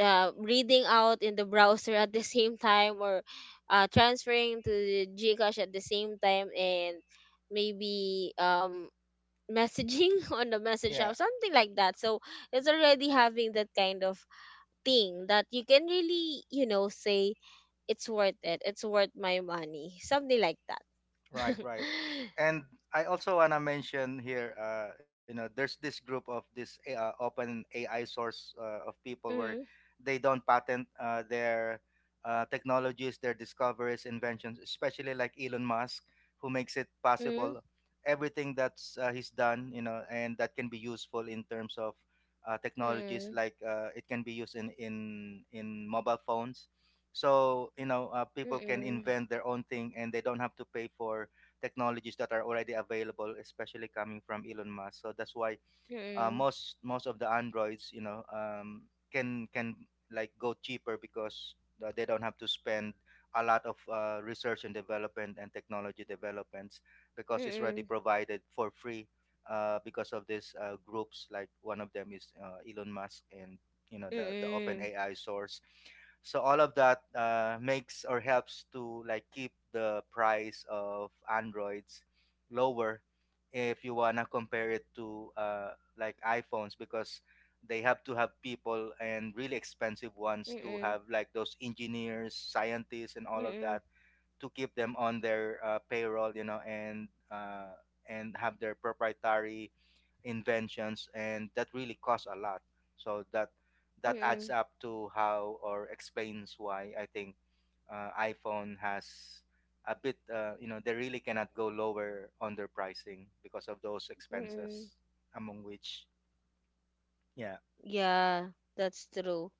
A: reading out in the browser at the [LAUGHS] same time, or transferring to the Gcash at the same time, and maybe messaging [LAUGHS] on the message app,
B: Yeah.
A: something like that. So it's already having that kind of thing that you can really, you know, say it's worth it. It's worth my money. Something like
B: Right,
A: that. [LAUGHS]
B: right. And I also want to mention here, you know, there's this group of this open AI source of people where
A: Mm,
B: they don't patent their technologies, their discoveries, inventions, especially like Elon Musk, who makes it
A: mm,
B: possible everything that's he's done, you know, and that can be useful in terms of
A: mm,
B: technologies.
A: mm,
B: Like it can be used in in mobile phones, so you know, people can
A: mm,
B: invent their own thing, and they don't have to pay for technologies that are already available, especially coming from Elon Musk. So that's why
A: mm,
B: most of the androids can like go cheaper because they don't have to spend a lot of research and development and technology developments
A: mm,
B: because it's already
A: mm.
B: provided for free because of these groups. Like one of them is Elon Musk and you know the open
A: Mm-mm.
B: AI source. So all of that makes or helps to like keep the price of androids lower if you wanna compare it to like iPhones, because they have to have people, and really expensive ones, to have
A: Mm-mm.
B: like those engineers, scientists, and all of that
A: Mm-mm.
B: to keep them on their payroll, you know, and and have their proprietary inventions, and that really costs a lot. So that adds
A: Mm-mm.
B: up to how or explains why I think iPhone has a bit, you know, they really cannot go lower on their pricing because of those
A: Mm-mm.
B: expenses, among which yeah.
A: Yeah, that's true.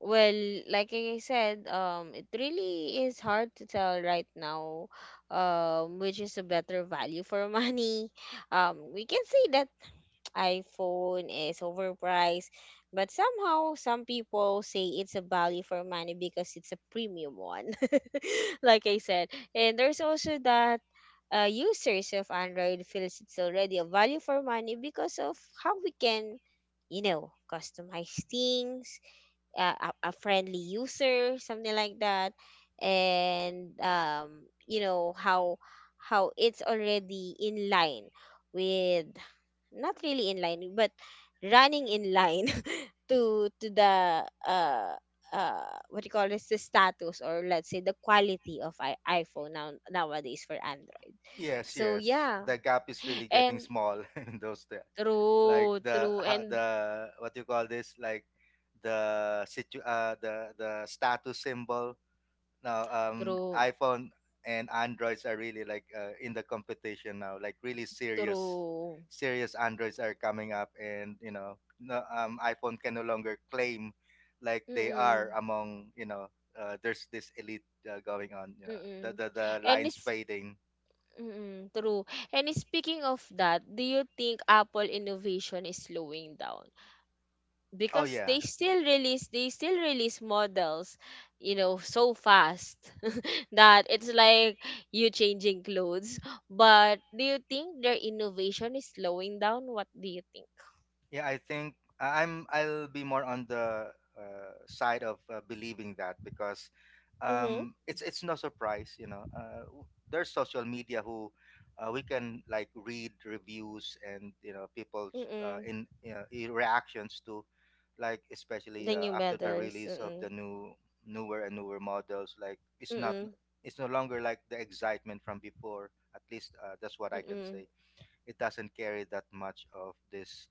A: Well, like I said, it really is hard to tell right now, which is a better value for money. [LAUGHS] We can say that [TSK] iPhone is overpriced, but somehow some people say it's a value for money because it's a premium one. Like I said. And there's also that, users of Android feels it's already a value for money because of how we can, you know, customize things, a friendly user, something like that. And you know how it's already in line with, not really in line, but running in line [LAUGHS] to the uh what you call this, the status, or let's say the quality of iphone now nowadays for android.
B: Yes,
A: So
B: yes.
A: yeah.
B: The gap is really getting
A: And
B: small [LAUGHS] in those the like
A: true, true. And
B: the what you call this, like the status symbol. Now
A: true,
B: iPhone and Androids are really like in the competition now. Like really serious,
A: true,
B: serious Androids are coming up, and you know no, iPhone can no longer claim like
A: mm,
B: they are
A: mm.
B: among, you know, there's this elite going on. Yeah.
A: Mm-mm.
B: The
A: And
B: lines
A: it's,
B: fading.
A: mm-mm, true. And speaking of that, do you think Apple innovation is slowing down?
B: Oh
A: Because
B: yeah.
A: they still release models, you know, so fast [LAUGHS] that it's like you changing clothes. But do you think their innovation is slowing down? What do you think?
B: Yeah, I think I'm I'll be more on the side of believing that, because
A: Mm-hmm.
B: it's no surprise, you know. There's social media who we can like read reviews, and you know people's
A: Mm-mm.
B: in you know, I- reactions to like, especially
A: The new
B: after the
A: medals.
B: release of the
A: Mm-mm.
B: new, newer and newer models. Like it's not,
A: Mm-mm.
B: it's no longer like the excitement from before, at least that's what I can say. It doesn't carry that much of this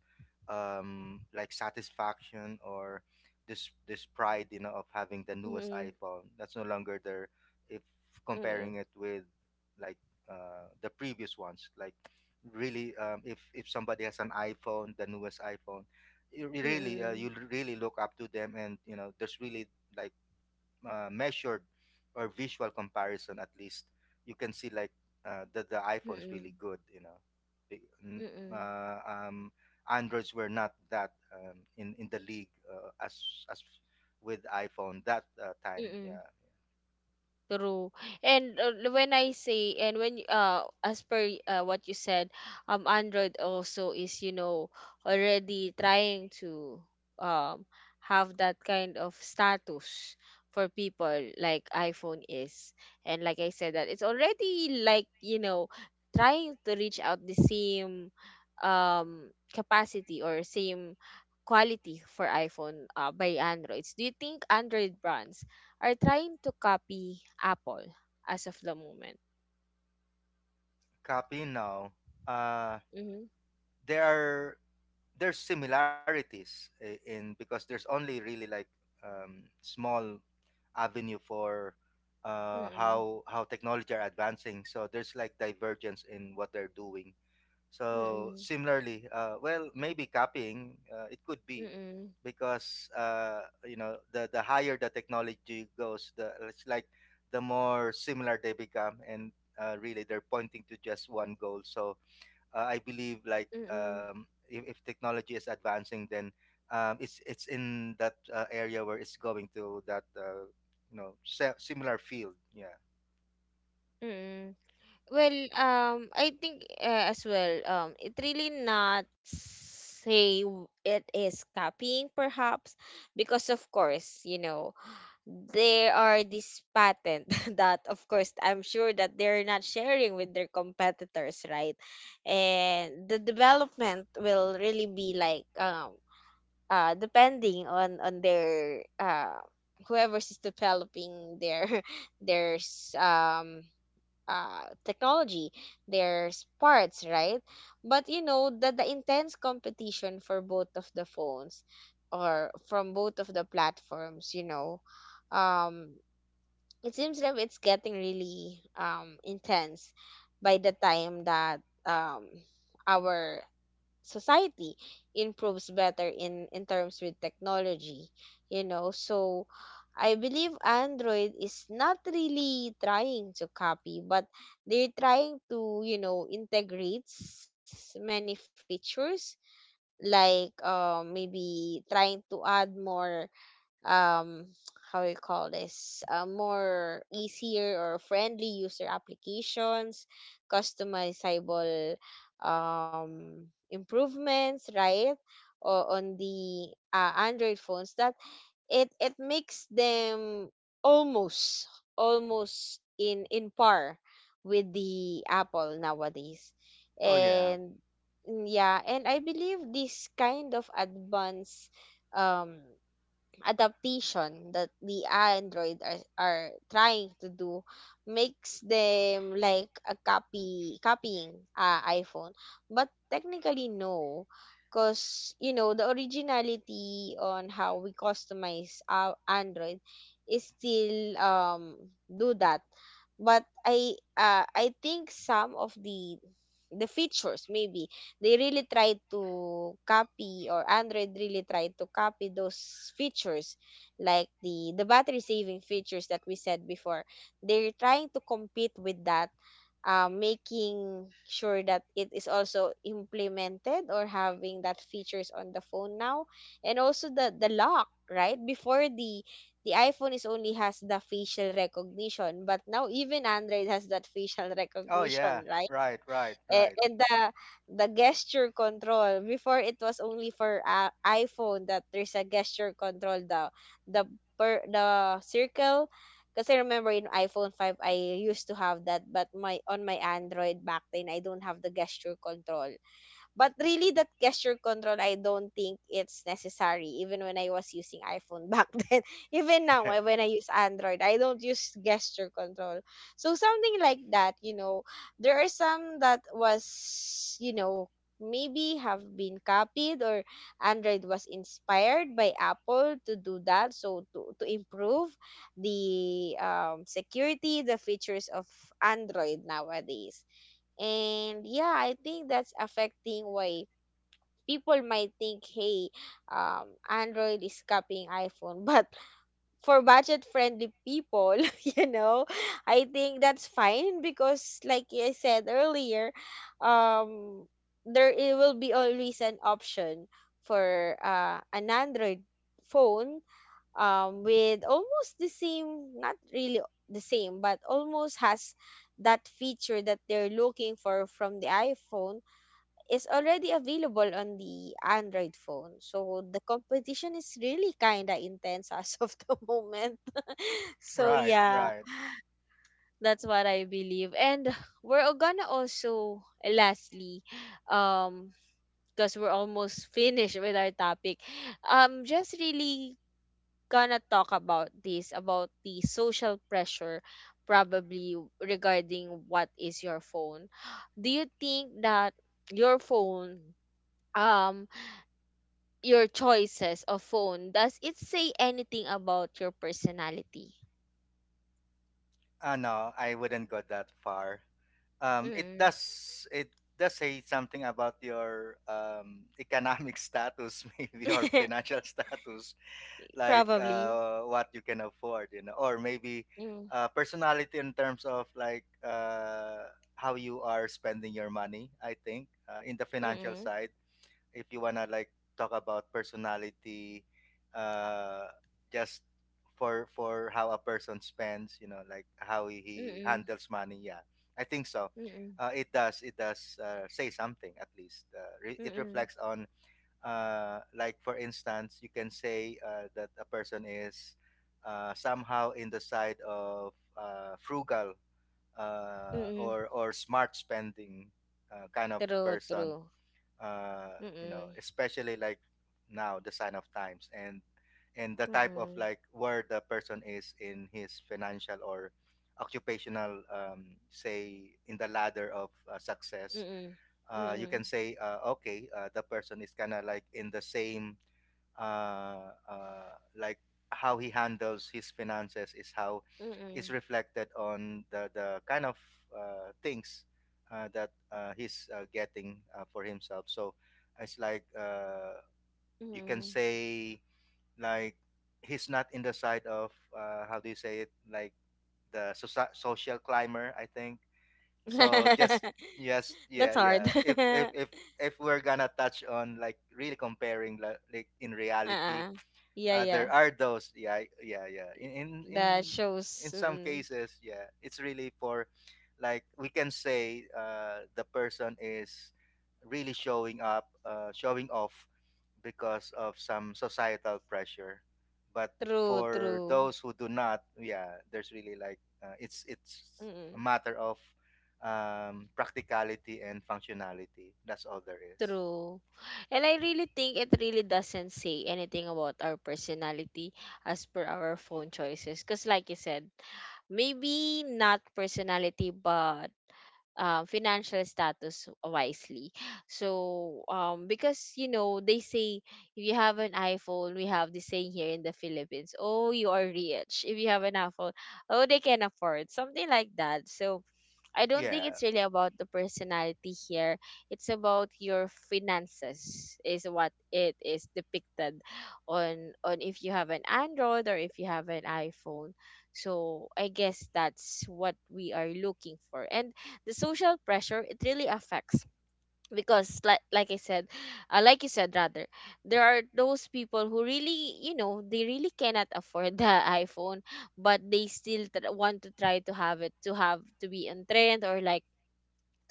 B: like satisfaction or this pride, you know, of having the newest
A: Mm-mm.
B: iPhone. That's no longer there if comparing
A: Mm-mm.
B: it with like the previous ones. Like really um, if somebody has an iPhone, the newest iPhone,
A: Mm-mm. Mm-mm.
B: you really look up to them, and you know there's really like measured or visual comparison. At least you can see like that the iPhone's
A: Mm-mm.
B: really good, you know. Be-
A: Mm-mm.
B: uh, um, Androids were not that in the league as with iPhone that time,
A: Mm-mm.
B: yeah.
A: True. And when I say, and as per what you said, Android also is, you know, already trying to um have that kind of status for people like iPhone is. And like I said that it's already like, you know, trying to reach out the same um, capacity or same quality for iPhone by Androids. Do you think Android brands are trying to copy Apple as of the moment?
B: Copy now uh,
A: Mm-hmm.
B: there are, there's similarities in, because there's only really like small avenue for
A: Mm-mm.
B: how technology are advancing. So there's like divergence in what they're doing. So
A: Mm-mm.
B: similarly, well, maybe copying it could be
A: Mm-mm.
B: because you know the higher the technology goes, the it's like the more similar they become, and really they're pointing to just one goal. So I believe like
A: Mm-mm.
B: if technology is advancing, then it's in that area where it's going to that you know similar field. Yeah.
A: Mm-mm. Well, I think as well, it really not say it is copying perhaps because of course, you know, there are this patent [LAUGHS] that of course I'm sure that they're not sharing with their competitors, right. And the development will really be like depending on their whoever's is developing their [LAUGHS] their technology, their parts, right. But you know that the intense competition for both of the phones or from both of the platforms, you know, um it seems like it's getting really intense by the time that um our society improves better in terms with technology, you know. So I believe Android is not really trying to copy, but they're trying to, you know, integrate many features, like maybe trying to add more um how we call this, more easier or friendly user applications, customizable, um improvements, right? Or on the Android phones, that it makes them almost, almost in par with the Apple nowadays.
B: Oh yeah.
A: And yeah, and I believe this kind of advanced um adaptation that the Android are trying to do makes them like a copying iPhone. But technically no, because you know the originality on how we customize our Android is still do that. But I think some of the features maybe they really tried to copy, or Android really tried to copy those features, like the battery saving features that we said before. They're trying to compete with that, making sure that it is also implemented or having that features on the phone now. And also the lock, right? Before, the iPhone is only has the facial recognition, but now even Android has that facial [LAUGHS]
B: Oh
A: recognition,
B: yeah.
A: right?
B: Right. Right.
A: and,
B: Right.
A: and the gesture control before, it was only for iPhone that there's a gesture control, the per the circle, kasi remember in iPhone five I used to have that, but my on my Android back then I don't have the gesture control. But really, that gesture control, I don't think it's necessary. Even when I was using iPhone back [LAUGHS] then, even now eh,
B: [LAUGHS]
A: when I use Android, I don't use gesture control. So something like that, you know, there are some that was, you know, maybe have been copied, or Android was inspired by Apple to do that. So to improve the security, the features of Android nowadays. And yeah, I think that's affecting why people might think, hey, Android is copying iPhone. [LAUGHS] But for budget friendly people, [LAUGHS] you know, I think that's fine because, like I said earlier, um, there it will be always an option for an Android phone, with almost the same, not really the same, but almost has that feature that they're looking for from the iPhone is already available on the Android phone. So the competition is really kind of intense as of the [LAUGHS] moment. So
B: Right.
A: yeah,
B: Right.
A: that's what I believe. And we're gonna also lastly, um, because we're almost [LAUGHS] finished with our topic, just really gonna talk about this about the social pressure probably regarding what is your phone. [GASPS] [SIGHS] Do you think that your phone, um your choices of phone, does it say anything about your personality?
B: Ah no, I wouldn't go that far. It
A: Mm.
B: does, it does say something about your economic [LAUGHS] status, maybe, or financial
A: [LAUGHS]
B: [LAUGHS] status. Like
A: Probably.
B: what you can afford, you know, or maybe
A: Mm.
B: personality in terms of like how you are spending your money. I think in the financial
A: Mm.
B: side, if you wanna like talk about personality, uh, just for how a person spends, you know, like how he
A: Mm.
B: handles money. Yeah, I think so.
A: Mm.
B: It does. It does say something, at least. It
A: Mm.
B: reflects on like for instance, you can say that a person is somehow in the side of frugal,
A: Mm.
B: or smart spending, kind of
A: True,
B: person.
A: true.
B: You know,
A: Mm.
B: especially like now, the sign of times, and the type of
A: Mm.
B: like where the person is in his financial or occupational say in the ladder of success.
A: Mm.
B: You
A: Mm.
B: can say okay, the person is kind of like in the same like how he handles his finances is how
A: Mm.
B: is
A: Mm.
B: reflected on the kind of things that he's getting for himself. So it's like you can say like he's not in the side of how do you say it, like the social climber, I think.
A: Mm.
B: So just,
A: [LAUGHS]
B: yes, yeah,
A: That's
B: yeah,
A: hard.
B: if if
A: [LAUGHS]
B: if if we're gonna touch on like really comparing like in reality
A: Uh-uh. Yeah, yeah.
B: there are those. Yeah, yeah, yeah. In in
A: That
B: in in
A: shows
B: some
A: mm,
B: cases, yeah, it's really for, like, we can say the person is really showing up, showing off because of some societal pressure. But
A: true,
B: for
A: true.
B: those who do not, yeah, there's really like it's a
A: Mm-mm.
B: matter of practicality and functionality. That's all there is.
A: True. And I really think it really doesn't say anything about our personality as per our phone choices. Because, like you said, maybe not personality, but financial status wisely. So, because you know, they say if you have an iPhone, we have this saying here in the Philippines, oh, you are rich. If you have an iPhone, oh, they can afford something like that. So, I don't think
B: Yeah.
A: it's really about the personality here. It's about your finances is what it is depicted on if you have an Android or if you have an iPhone. So I guess that's what we are looking for. And the social pressure it really affects because like I said, like you said rather, there are those people who really you know they really cannot afford the [LAUGHS] iPhone, but they still want to try to have it, to have to be in trend, or like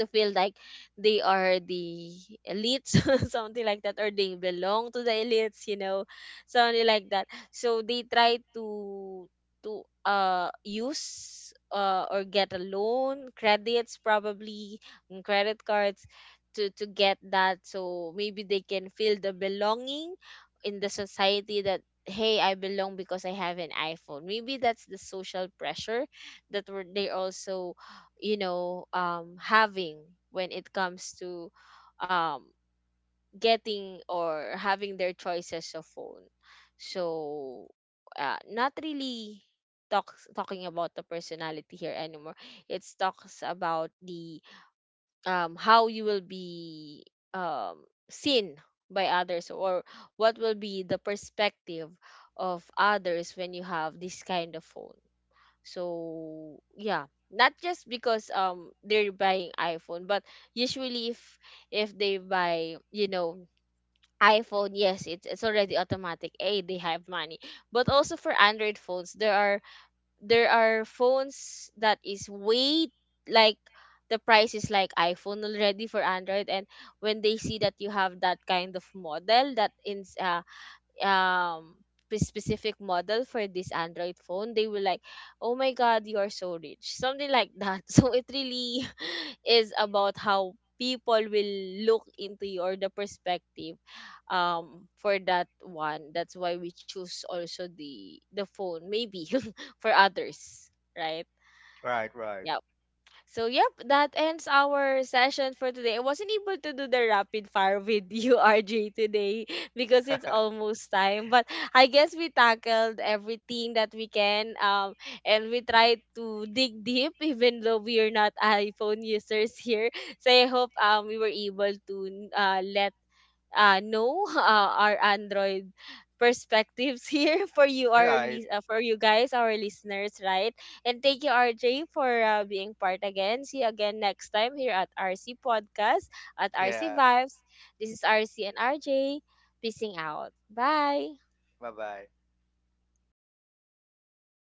A: to feel like they are the elites [LAUGHS] something like that, or they belong to the elites, you know, something like that. So they try to to use or get a loan credits probably, and credit cards to get that, so maybe they can feel the belonging in the society that hey, I belong because I have an iPhone. Maybe that's the social pressure that were they also, you know, having when it comes to um getting or having their choices of phone. So not really talks talking about the personality here anymore. It's talks about the how you will be um seen by others, or what will be the perspective of others when you have this kind of phone. So yeah, not just because they're buying iPhone, but usually if they buy, you know, iPhone, yes, it's already automatic. A, they have money. But also for Android phones, there are phones that is way like the price is like iPhone already for Android, and when they see that you have that kind of model that in um specific model for this Android phone, they will like, oh my god, you are so rich, something like that. [LAUGHS] So it really [LAUGHS] is about how people will look into you or the perspective for that one, that's why we choose also the phone maybe [LAUGHS] for others, right?
B: Right. Right.
A: Yeah. So, yep, that ends our session for today. I wasn't able to do the rapid fire with you, [LAUGHS] RJ, today because it's almost time. But I guess we tackled everything that we can. And we tried to dig deep, [LAUGHS] even though we are not iPhone users here. So, I hope we were able to let no. [LAUGHS] Our Android perspectives [LAUGHS] here for you
B: [LAUGHS]
A: our
B: Right.
A: for you guys our listeners, right? And thank you RJ for being part again. See you again next time here at RC podcast at RC
B: Yeah.
A: vibes. This is RC and RJ, peacing out, bye.
B: Bye bye.